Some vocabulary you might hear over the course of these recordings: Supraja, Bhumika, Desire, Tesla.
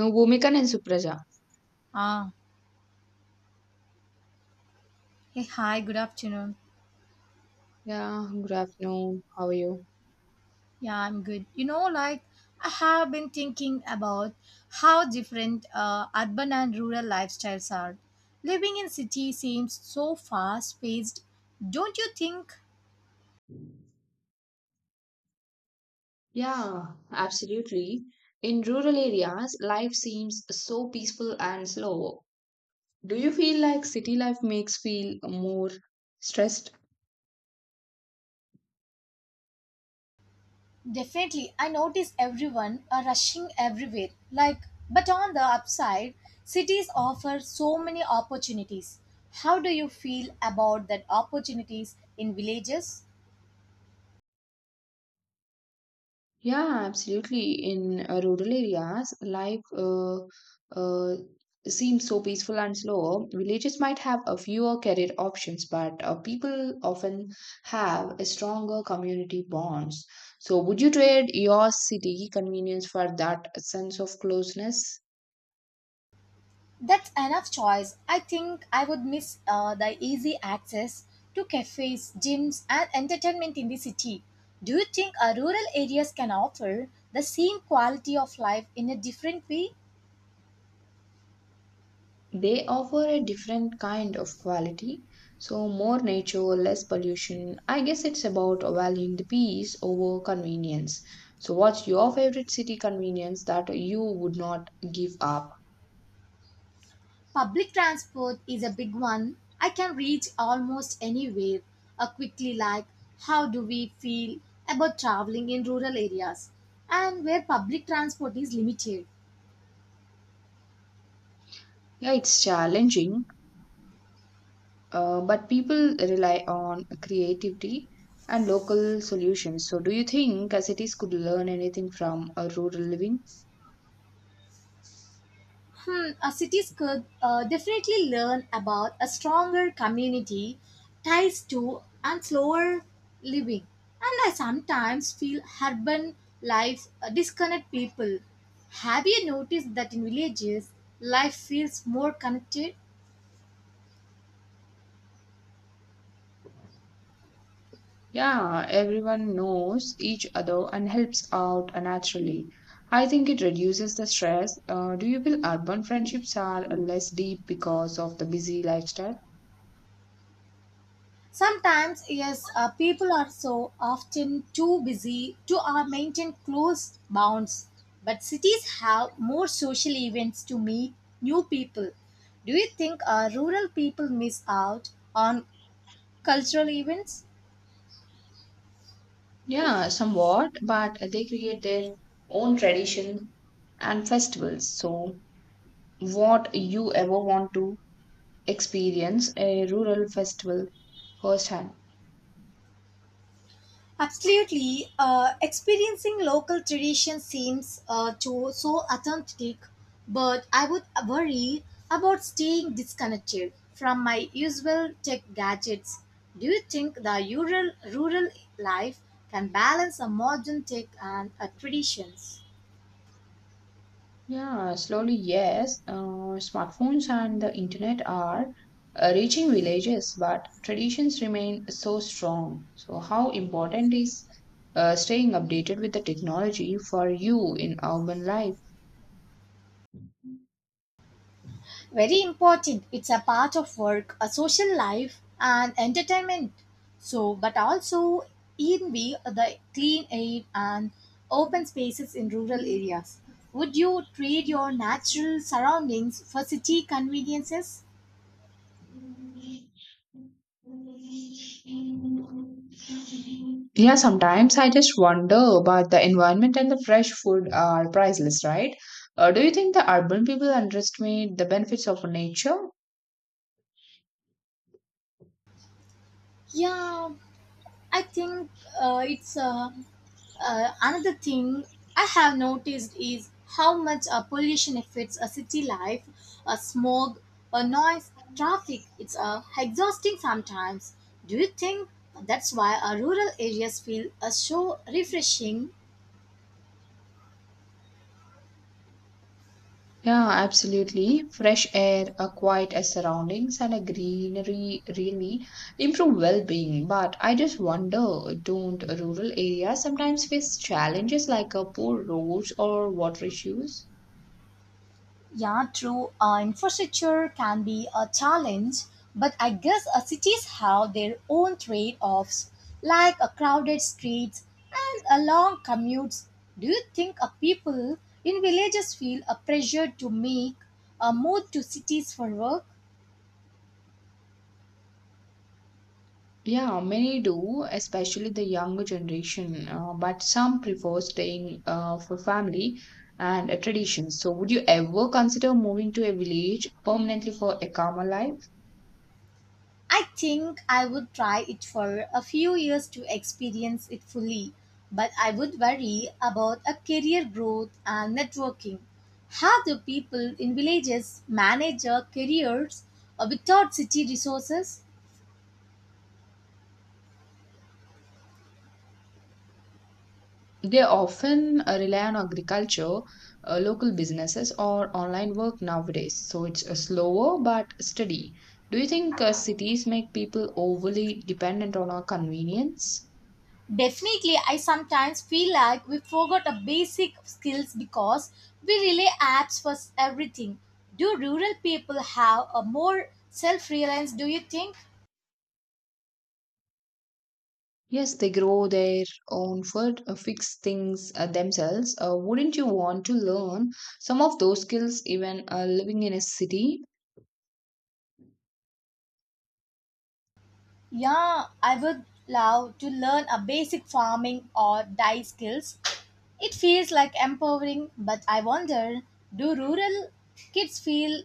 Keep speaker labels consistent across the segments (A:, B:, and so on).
A: No, Bhumika and Supraja.
B: Ah, hey, hi, good afternoon.
A: Yeah, good afternoon. How are you?
B: Yeah, I'm good. Like I have been thinking about how different urban and rural lifestyles are. Living in city seems so fast-paced, don't you think?
A: Yeah, absolutely. In rural areas, life seems so peaceful and slow. Do you feel like city life makes feel more stressed?
B: Definitely, I notice everyone are rushing everywhere. Like, but on the upside, cities offer so many opportunities. How do you feel about that opportunities in villages?
A: Yeah, absolutely. In rural areas, life uh, seems so peaceful and slow. Villages might have a fewer career options, but people often have a stronger community bonds. So, would you trade your city convenience for that sense of closeness?
B: That's enough choice. I think I would miss the easy access to cafes, gyms, and entertainment in the city. Do you think rural areas can offer the same quality of life in a different way?
A: They offer a different kind of quality, so more nature, less pollution. I guess it's about valuing the peace over convenience. So, what's your favorite city convenience that you would not give up?
B: Public transport is a big one. I can reach almost anywhere quickly. Like, how do we feel about traveling in rural areas and where public transport is limited?
A: Yeah, it's challenging, but people rely on creativity and local solutions. So, do you think cities could learn anything from a rural living?
B: Cities could definitely learn about a stronger community ties to and slower living. And I sometimes feel urban life disconnect people. Have you noticed that in villages, life feels more connected?
A: Yeah, everyone knows each other and helps out naturally. I think it reduces the stress. Do you feel urban friendships are less deep because of the busy lifestyle?
B: Sometimes, yes, people are so often too busy to maintain close bonds. But cities have more social events to meet new people. Do you think rural people miss out on cultural events?
A: Yeah, somewhat, but they create their own tradition and festivals. So, what you ever want to experience a rural festival firsthand?
B: Absolutely. Experiencing local tradition seems to so authentic, but I would worry about staying disconnected from my usual tech gadgets. Do you think the rural life can balance a modern tech and traditions?
A: Yeah, slowly, yes. Smartphones and the internet are reaching villages, but traditions remain so strong. So, how important is staying updated with the technology for you in urban life?
B: Very important. It's a part of work, a social life, and entertainment. So, but also in we the clean air and open spaces in rural areas. Would you trade your natural surroundings for city conveniences?
A: Yeah, sometimes I just wonder but the environment and the fresh food are priceless, right? Do you think the urban people underestimate the benefits of nature?
B: Yeah, I think it's another thing I have noticed is how much pollution affects a city life, a smog, a noise, traffic. It's exhausting sometimes. Do you think that's why our rural areas feel so refreshing?
A: Yeah, absolutely. Fresh air, a quiet surroundings, and a greenery really improve well-being. But I just wonder, don't rural areas sometimes face challenges like poor roads or water issues?
B: Yeah, true. Infrastructure can be a challenge, but I guess cities have their own trade offs, like crowded streets and long commutes. Do you think people in villages feel a pressure to make a move to cities for work?
A: Yeah, many do, especially the younger generation. But some prefer staying for family and traditions. So, would you ever consider moving to a village permanently for a calmer life?
B: I think I would try it for a few years to experience it fully, but I would worry about a career growth and networking. How do people in villages manage their careers without city resources?
A: They often rely on agriculture, local businesses, or online work nowadays. So it's slower but steady. Do you think cities make people overly dependent on our convenience?
B: Definitely, I sometimes feel like we forgot a basic skills because we rely apps for everything. Do rural people have a more self-reliance? Do you think?
A: Yes, they grow their own food, fix things themselves. Wouldn't you want to learn some of those skills even living in a city?
B: Yeah, I would love to learn a basic farming or dye skills. It feels like empowering, but I wonder do rural kids feel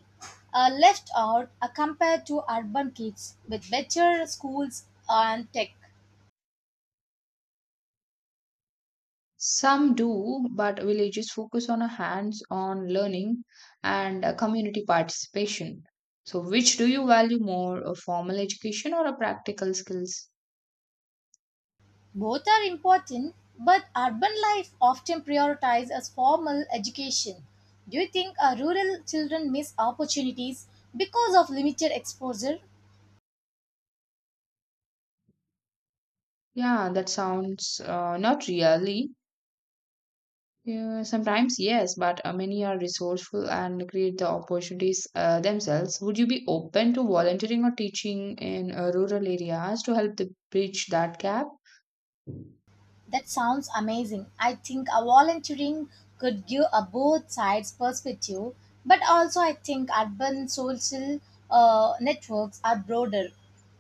B: left out compared to urban kids with better schools and tech?
A: Some do, but villages focus on a hands-on learning and a community participation. So, which do you value more, a formal education or a practical skills?
B: Both are important, but urban life often prioritizes formal education. Do you think rural children miss opportunities because of limited exposure?
A: Yeah, that sounds not really. Yeah, sometimes yes, but many are resourceful and create the opportunities themselves. Would you be open to volunteering or teaching in rural areas to help the bridge that gap?
B: That sounds amazing. I think a volunteering could give a both sides perspective, but also I think urban social networks are broader.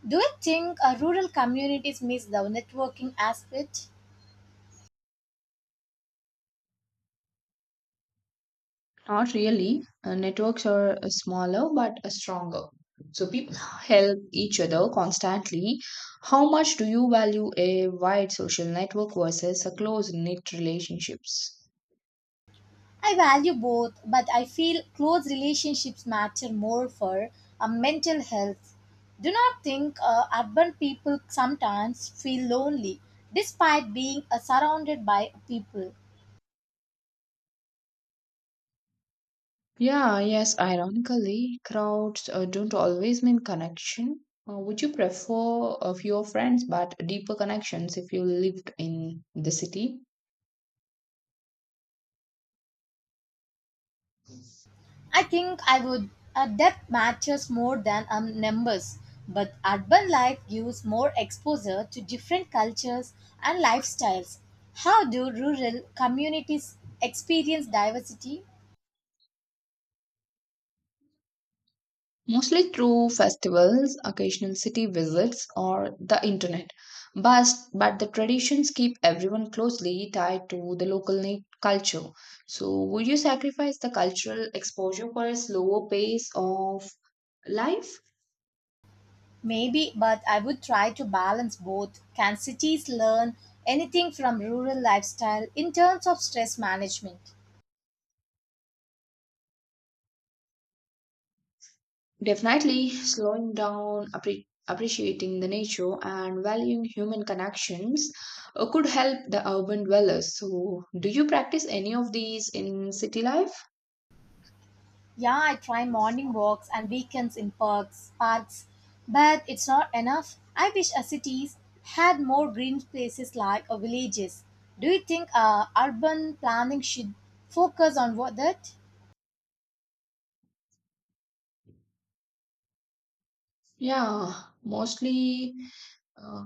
B: Do you think rural communities miss the networking aspect?
A: Not really. Networks are smaller but stronger. So people help each other constantly. How much do you value a wide social network versus a close-knit relationships?
B: I value both, but I feel close relationships matter more for mental health. Do not think urban people sometimes feel lonely despite being surrounded by people.
A: Yeah, yes, ironically, crowds don't always mean connection. Would you prefer a fewer friends but deeper connections if you lived in the city?
B: I think I would. Depth matters more than numbers, but urban life gives more exposure to different cultures and lifestyles. How do rural communities experience diversity?
A: Mostly through festivals, occasional city visits, or the internet. But, but the traditions keep everyone closely tied to the local culture. So, would you sacrifice the cultural exposure for a slower pace of life?
B: Maybe, but I would try to balance both. Can cities learn anything from rural lifestyle in terms of stress management?
A: Definitely, slowing down, appreciating the nature, and valuing human connections could help the urban dwellers. So, do you practice any of these in city life?
B: Yeah, I try morning walks and weekends in parks, but it's not enough. I wish our cities had more green places like our villages. Do you think urban planning should focus on what that?
A: Yeah, mostly uh,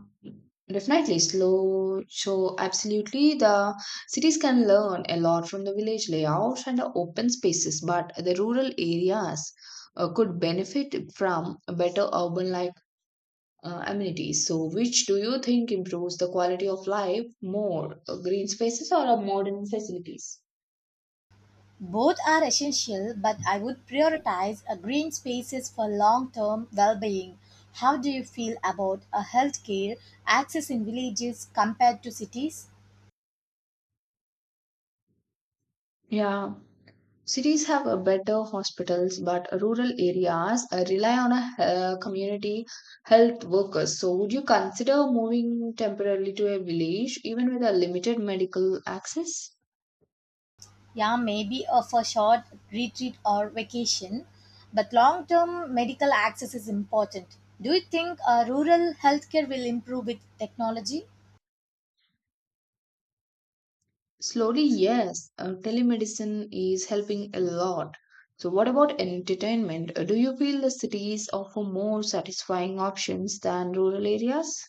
A: definitely slow. So absolutely, the cities can learn a lot from the village layouts and the open spaces, but the rural areas could benefit from a better urban like amenities. So, which do you think improves the quality of life more, green spaces or modern facilities?
B: Both are essential, but I would prioritize green spaces for long-term well-being. How do you feel about a healthcare access in villages compared to cities?
A: Yeah, cities have a better hospitals, but rural areas rely on a community health workers. So, would you consider moving temporarily to a village, even with a limited medical access?
B: Yeah, maybe for short retreat or vacation, but long term medical access is important. Do you think rural healthcare will improve with technology?
A: Slowly, yes. Telemedicine is helping a lot. So, what about entertainment? Do you feel the cities offer more satisfying options than rural areas?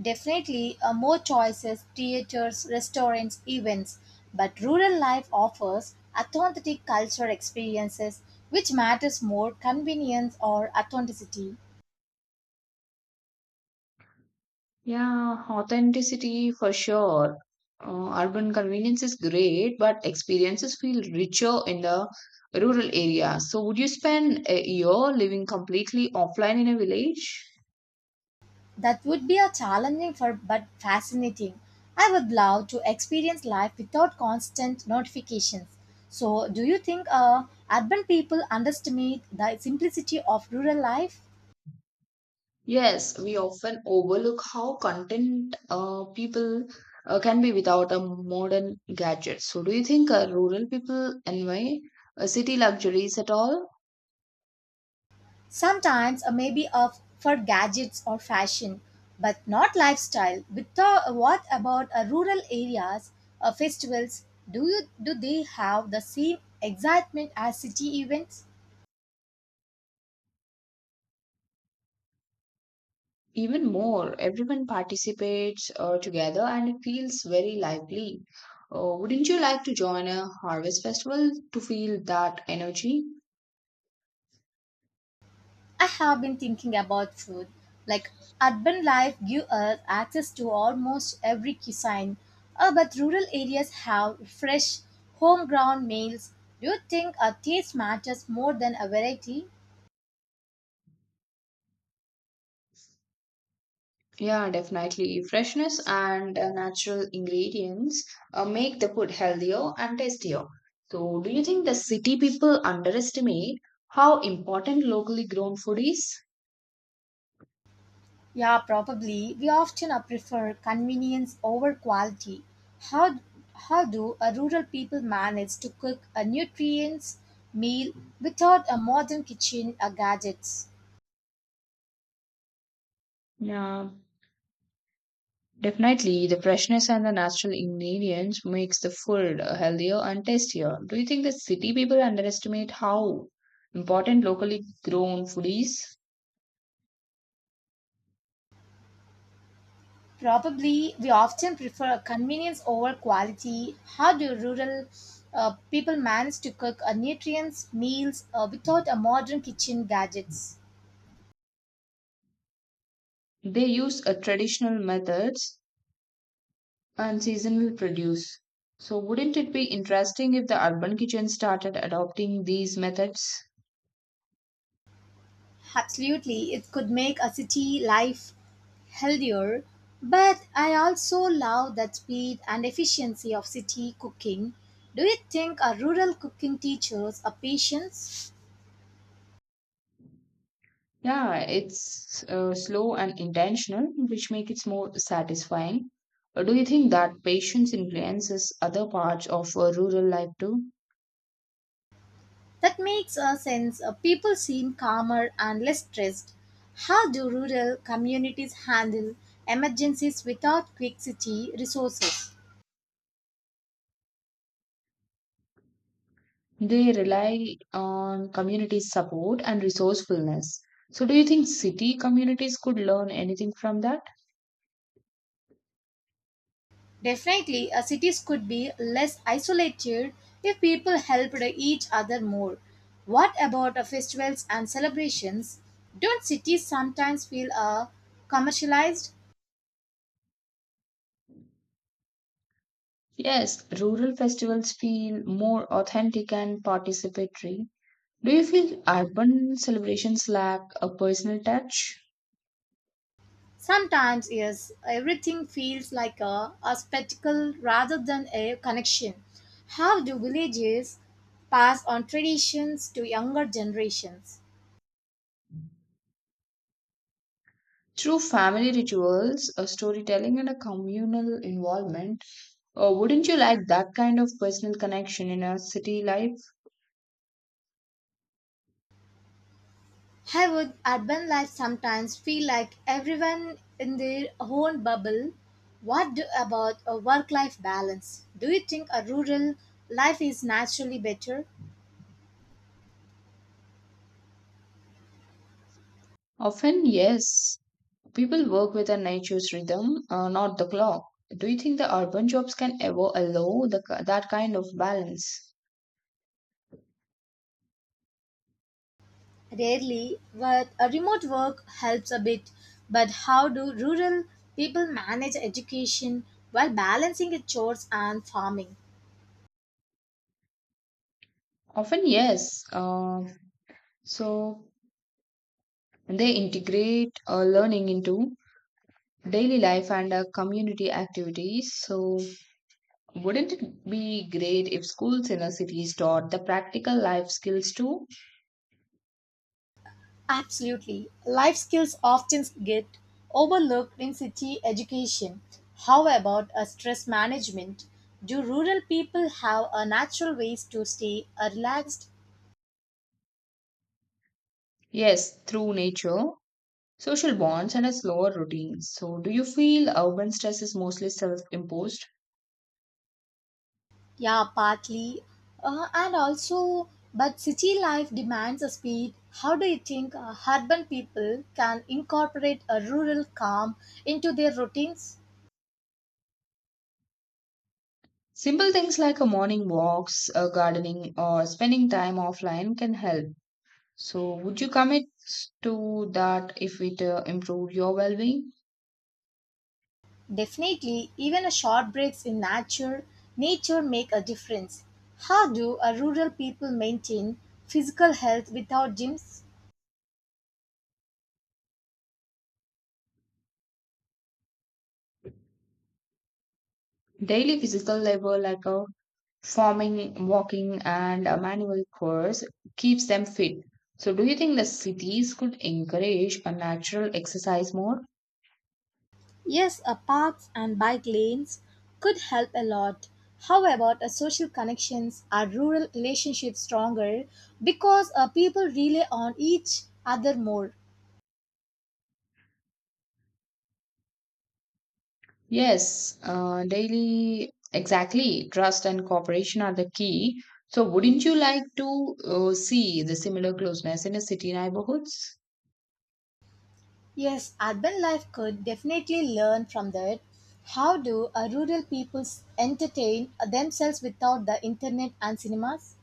B: Definitely, more choices, theaters, restaurants, events, but rural life offers authentic cultural experiences, which matters more convenience or authenticity.
A: Yeah, authenticity for sure. Urban convenience is great, but experiences feel richer in the rural area. So, would you spend a year living completely offline in a village?
B: That would be a challenging for but fascinating. I would love to experience life without constant notifications. So, do you think urban people underestimate the simplicity of rural life?
A: Yes, we often overlook how content people can be without a modern gadget. So, do you think rural people envy city luxuries at all?
B: Sometimes, maybe for gadgets or fashion, but not lifestyle. But what about rural areas, festivals? Do they have the same excitement as city events?
A: Even more, everyone participates together and it feels very lively. Wouldn't you like to join a harvest festival to feel that energy?
B: I have been thinking about food. Like urban life gives us access to almost every cuisine, but rural areas have fresh, homegrown meals. Do you think a taste matters more than a variety?
A: Yeah, definitely. Freshness and natural ingredients make the food healthier and tastier. So, do you think the city people underestimate how important locally grown food is?
B: Yeah, probably. We often prefer convenience over quality. How how do a rural people manage to cook a nutrients meal without a modern kitchen or gadgets?
A: Yeah, definitely, the freshness and the natural ingredients makes the food healthier and tastier. Do you think that city people underestimate how important locally grown food is?
B: Probably, we often prefer convenience over quality. How do rural people manage to cook nutrients meals without a modern kitchen gadgets?
A: They use traditional methods and seasonal produce. So, wouldn't it be interesting if the urban kitchen started adopting these methods?
B: Absolutely, it could make a city life healthier. But I also love that speed and efficiency of city cooking. Do you think a rural cooking teaches a patience?
A: Yeah, it's slow and intentional, which makes it more satisfying. Do you think that patience influences other parts of rural life too?
B: That makes sense. People seem calmer and less stressed. How do rural communities handle emergencies without quick city resources?
A: They rely on community support and resourcefulness. So, do you think city communities could learn anything from that?
B: Definitely, cities could be less isolated if people helped each other more. What about festivals and celebrations? Don't cities sometimes feel commercialized?
A: Yes, rural festivals feel more authentic and participatory. Do you feel urban celebrations lack a personal touch?
B: Sometimes, yes, everything feels like a spectacle rather than a connection. How do villages pass on traditions to younger generations?
A: Through family rituals, a storytelling, and a communal involvement, wouldn't you like that kind of personal connection in a city life?
B: I would urban life sometimes feel like everyone in their own bubble. About a work life balance? Do you think a rural life is naturally better?
A: Often, yes. People work with a nature's rhythm, not the clock. Do you think the urban jobs can ever allow that kind of balance?
B: Rarely, but a remote work helps a bit. But how do rural people manage education while balancing the chores and farming?
A: Often, yes. So they integrate learning into daily life and community activities. So, wouldn't it be great if schools in our cities taught the practical life skills too?
B: Absolutely. Life skills often get overlooked in city education. How about a stress management? Do rural people have a natural ways to stay relaxed?
A: Yes, through nature, social bonds, and a slower routine. So, do you feel urban stress is mostly self imposed?
B: Yeah, Partly. Uh, and also, but city life demands a speed. How do you think urban people can incorporate a rural calm into their routines?
A: Simple things like a morning walks, gardening, or spending time offline can help. So, would you commit to that if it improve your well-being?
B: Definitely, even a short breaks in nature make a difference. How do a rural people maintain physical health without gyms?
A: Daily physical labor like a farming, walking, and a manual course keeps them fit. So, do you think the cities could encourage a natural exercise more?
B: Yes, a parks and bike lanes could help a lot. How about a social connections? Are rural relationships stronger because people rely on each other more?
A: Yes, daily, exactly. Trust and cooperation are the key. So, wouldn't you like to see the similar closeness in the city neighborhoods?
B: Yes, urban life could definitely learn from that. How do rural peoples entertain themselves without the internet and cinemas?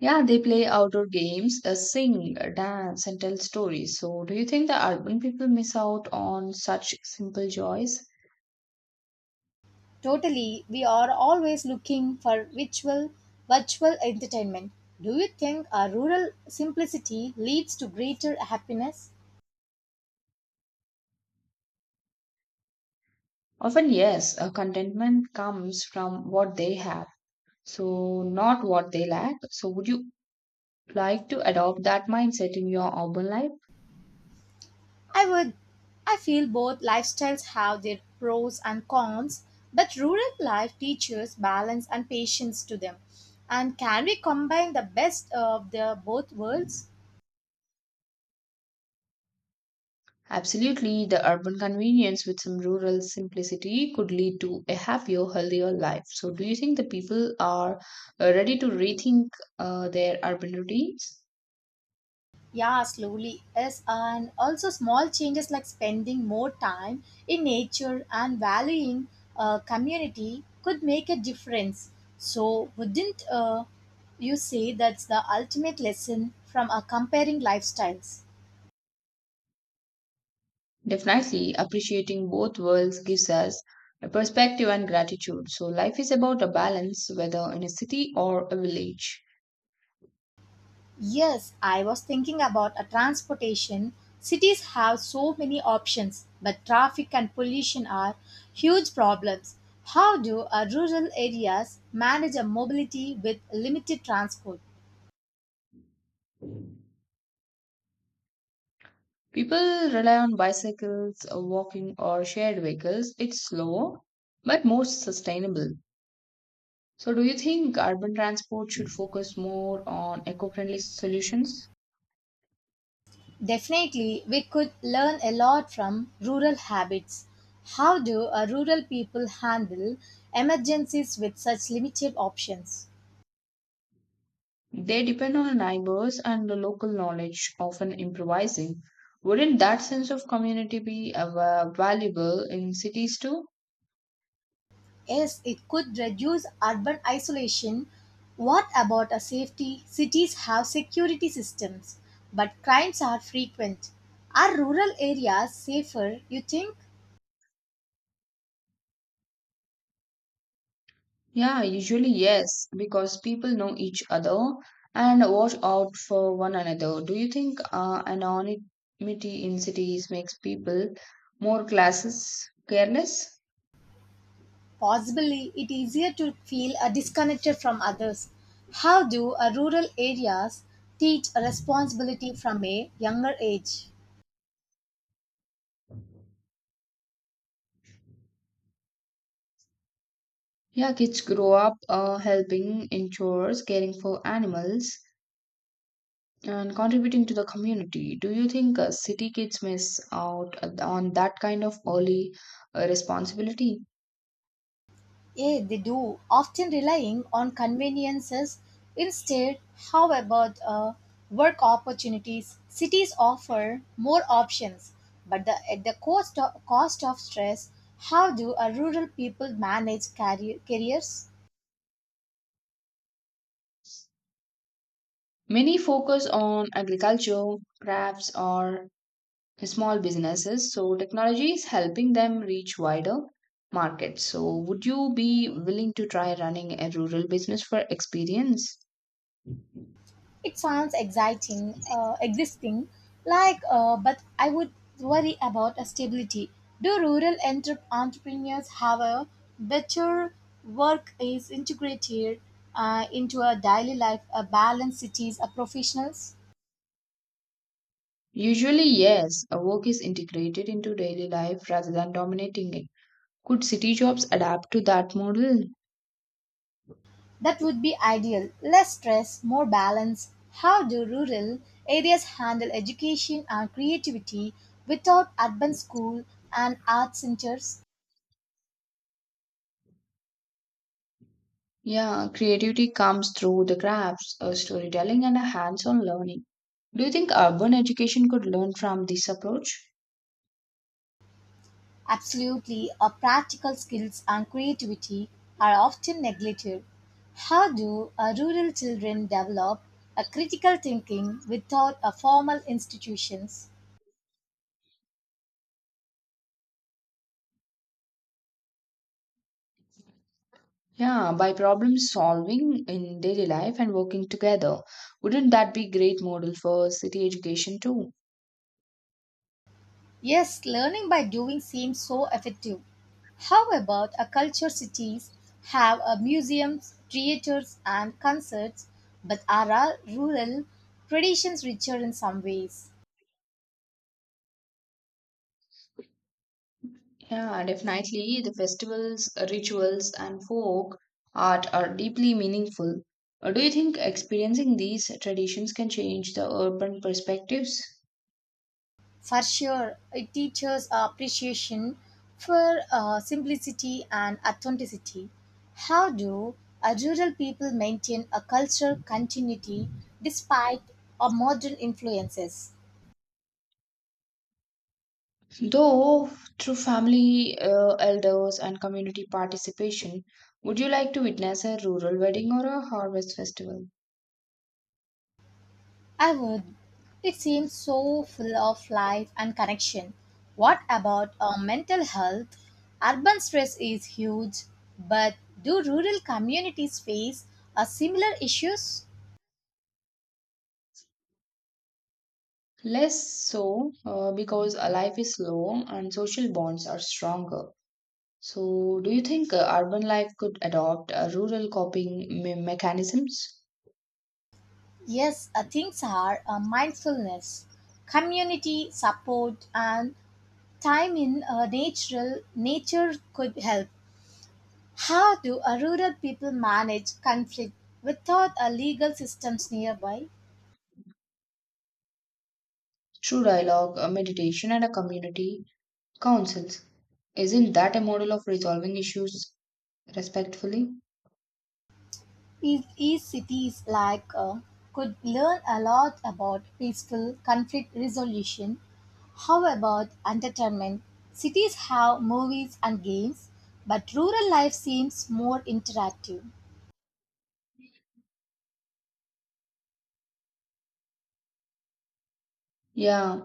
A: Yeah, they play outdoor games, sing, dance, and tell stories. So, do you think the urban people miss out on such simple joys?
B: Totally, we are always looking for virtual entertainment. Do you think our rural simplicity leads to greater happiness?
A: Often, yes, contentment comes from what they have, so not what they lack. So, would you like to adopt that mindset in your urban life?
B: I would. I feel both lifestyles have their pros and cons, but rural life teaches balance and patience to them. And can we combine the best of the both worlds?
A: Absolutely, the urban convenience with some rural simplicity could lead to a happier, healthier life. So, do you think the people are ready to rethink their urban routines?
B: Yeah, slowly, yes, and also small changes like spending more time in nature and valuing community could make a difference. So, wouldn't you say that's the ultimate lesson from comparing lifestyles?
A: Definitely, appreciating both worlds gives us a perspective and gratitude. So, life is about a balance, whether in a city or a village.
B: Yes, I was thinking about a transportation. Cities have so many options, but traffic and pollution are huge problems. How do our rural areas manage a mobility with limited transport?
A: People rely on bicycles, walking, or shared vehicles. It's slower, but more sustainable. So, do you think urban transport should focus more on eco friendly solutions?
B: Definitely, we could learn a lot from rural habits. How do our rural people handle emergencies with such limited options?
A: They depend on neighbors and the local knowledge, often improvising. Wouldn't that sense of community be valuable in cities too?
B: Yes, it could reduce urban isolation. What about a safety? Cities have security systems, but crimes are frequent. Are rural areas safer, you think?
A: Yeah, usually yes, because people know each other and watch out for one another. Do you think anonymity in cities makes people more classes careless?
B: Possibly, it easier to feel disconnected from others. How do rural areas teach responsibility from a younger age?
A: Yeah, kids grow up helping in chores, caring for animals, and contributing to the community. Do you think city kids miss out on that kind of early responsibility?
B: Yeah, they do, often relying on conveniences. Instead, how about work opportunities? Cities offer more options, but at the cost of stress, how do rural people manage careers?
A: Many focus on agriculture, crafts, or small businesses, so technology is helping them reach wider markets. So, would you be willing to try running a rural business for experience?
B: It sounds exciting, existing, like, but I would worry about a stability. Do rural entrepreneurs have a better work is integrated into a daily life, a balanced cities, a professionals?
A: Usually, yes, a work is integrated into daily life rather than dominating it. Could city jobs adapt to that model?
B: That would be ideal. Less stress, more balance. How do rural areas handle education and creativity without urban school and art centers?
A: Yeah, creativity comes through the crafts, storytelling, and a hands on learning. Do you think urban education could learn from this approach?
B: Absolutely, our practical skills and creativity are often neglected. How do our rural children develop a critical thinking without a formal institutions?
A: Yeah, by problem solving in daily life and working together. Wouldn't that be great model for city education too?
B: Yes, learning by doing seems so effective. How about our culture cities have a museums, theaters and concerts, but are our rural traditions richer in some ways?
A: Yeah, definitely. The festivals, rituals, and folk art are deeply meaningful. Do you think experiencing these traditions can change the urban perspectives?
B: For sure, it teaches appreciation for simplicity and authenticity. How do rural people maintain a cultural continuity despite modern influences?
A: Though through family, elders, and community participation, would you like to witness a rural wedding or a harvest festival?
B: I would. It seems so full of life and connection. What about mental health? Urban stress is huge, but do rural communities face similar issues?
A: Less so because life is slow and social bonds are stronger. So, do you think urban life could adopt rural coping mechanisms
B: Yes, things are mindfulness, community support, and time in natural nature could help. How do rural people manage conflict without legal systems nearby?
A: through dialogue, meditation, and a community councils? Isn't that a model of resolving issues respectfully?
B: These cities like could learn a lot about peaceful conflict resolution. How about entertainment? Cities have movies and games, but rural life seems more interactive.
A: Yeah,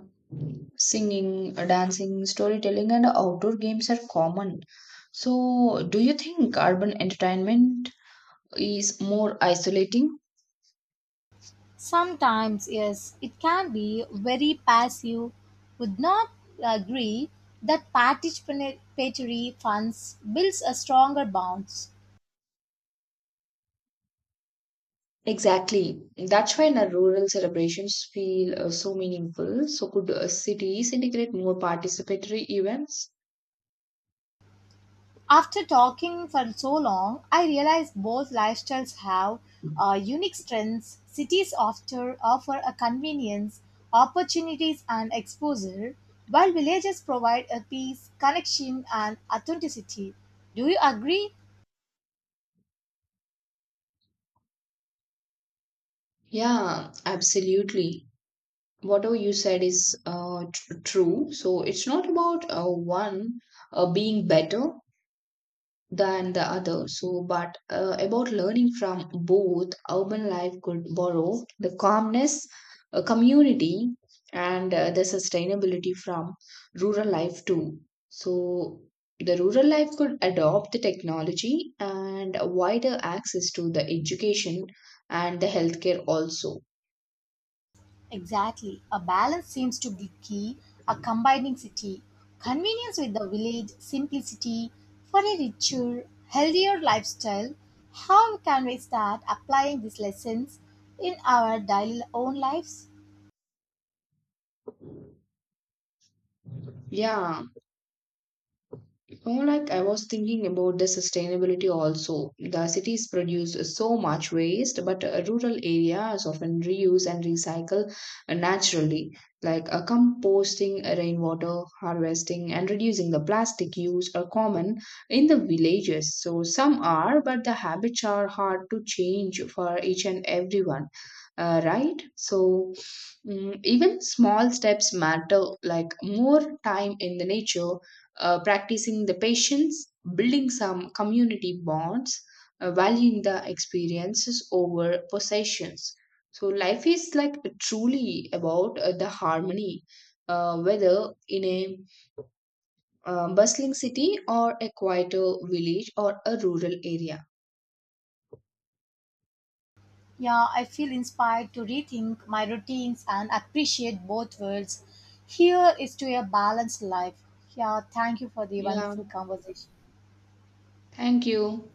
A: singing, dancing, storytelling, and outdoor games are common. So, do you think urban entertainment is more isolating?
B: Sometimes, yes, it can be very passive. Would not agree that participatory funds builds a stronger bonds.
A: Exactly. That's why in our rural celebrations feel so meaningful. So, could cities integrate more participatory events?
B: After talking for so long, I realized both lifestyles have unique strengths. Cities offer a convenience, opportunities, and exposure, while villages provide a peace, connection, and authenticity. Do you agree?
A: Yeah, absolutely. Whatever you said is true. So it's not about one being better than the other. So, but about learning from both, urban life could borrow the calmness, community, and the sustainability from rural life too. So, the rural life could adopt the technology and wider access to the education and the healthcare also.
B: Exactly. A balance seems to be key, a combining city, convenience with the village, simplicity for a richer, healthier lifestyle. How can we start applying these lessons in our daily own lives?
A: Yeah, more like I was thinking about the sustainability also. The cities produce so much waste, but rural areas often reuse and recycle naturally, like composting rainwater, harvesting, and reducing the plastic use are common in the villages. So some are, but the habits are hard to change for each and everyone, right? So, even small steps matter, like more time in the nature practicing the patience, building some community bonds, valuing the experiences over possessions. So, life is like truly about the harmony, whether in a bustling city or a quieter village or a rural area.
B: Yeah, I feel inspired to rethink my routines and appreciate both worlds. Here is to a balanced life. Yeah, thank you for the
A: Yeah,
B: wonderful conversation.
A: thank you.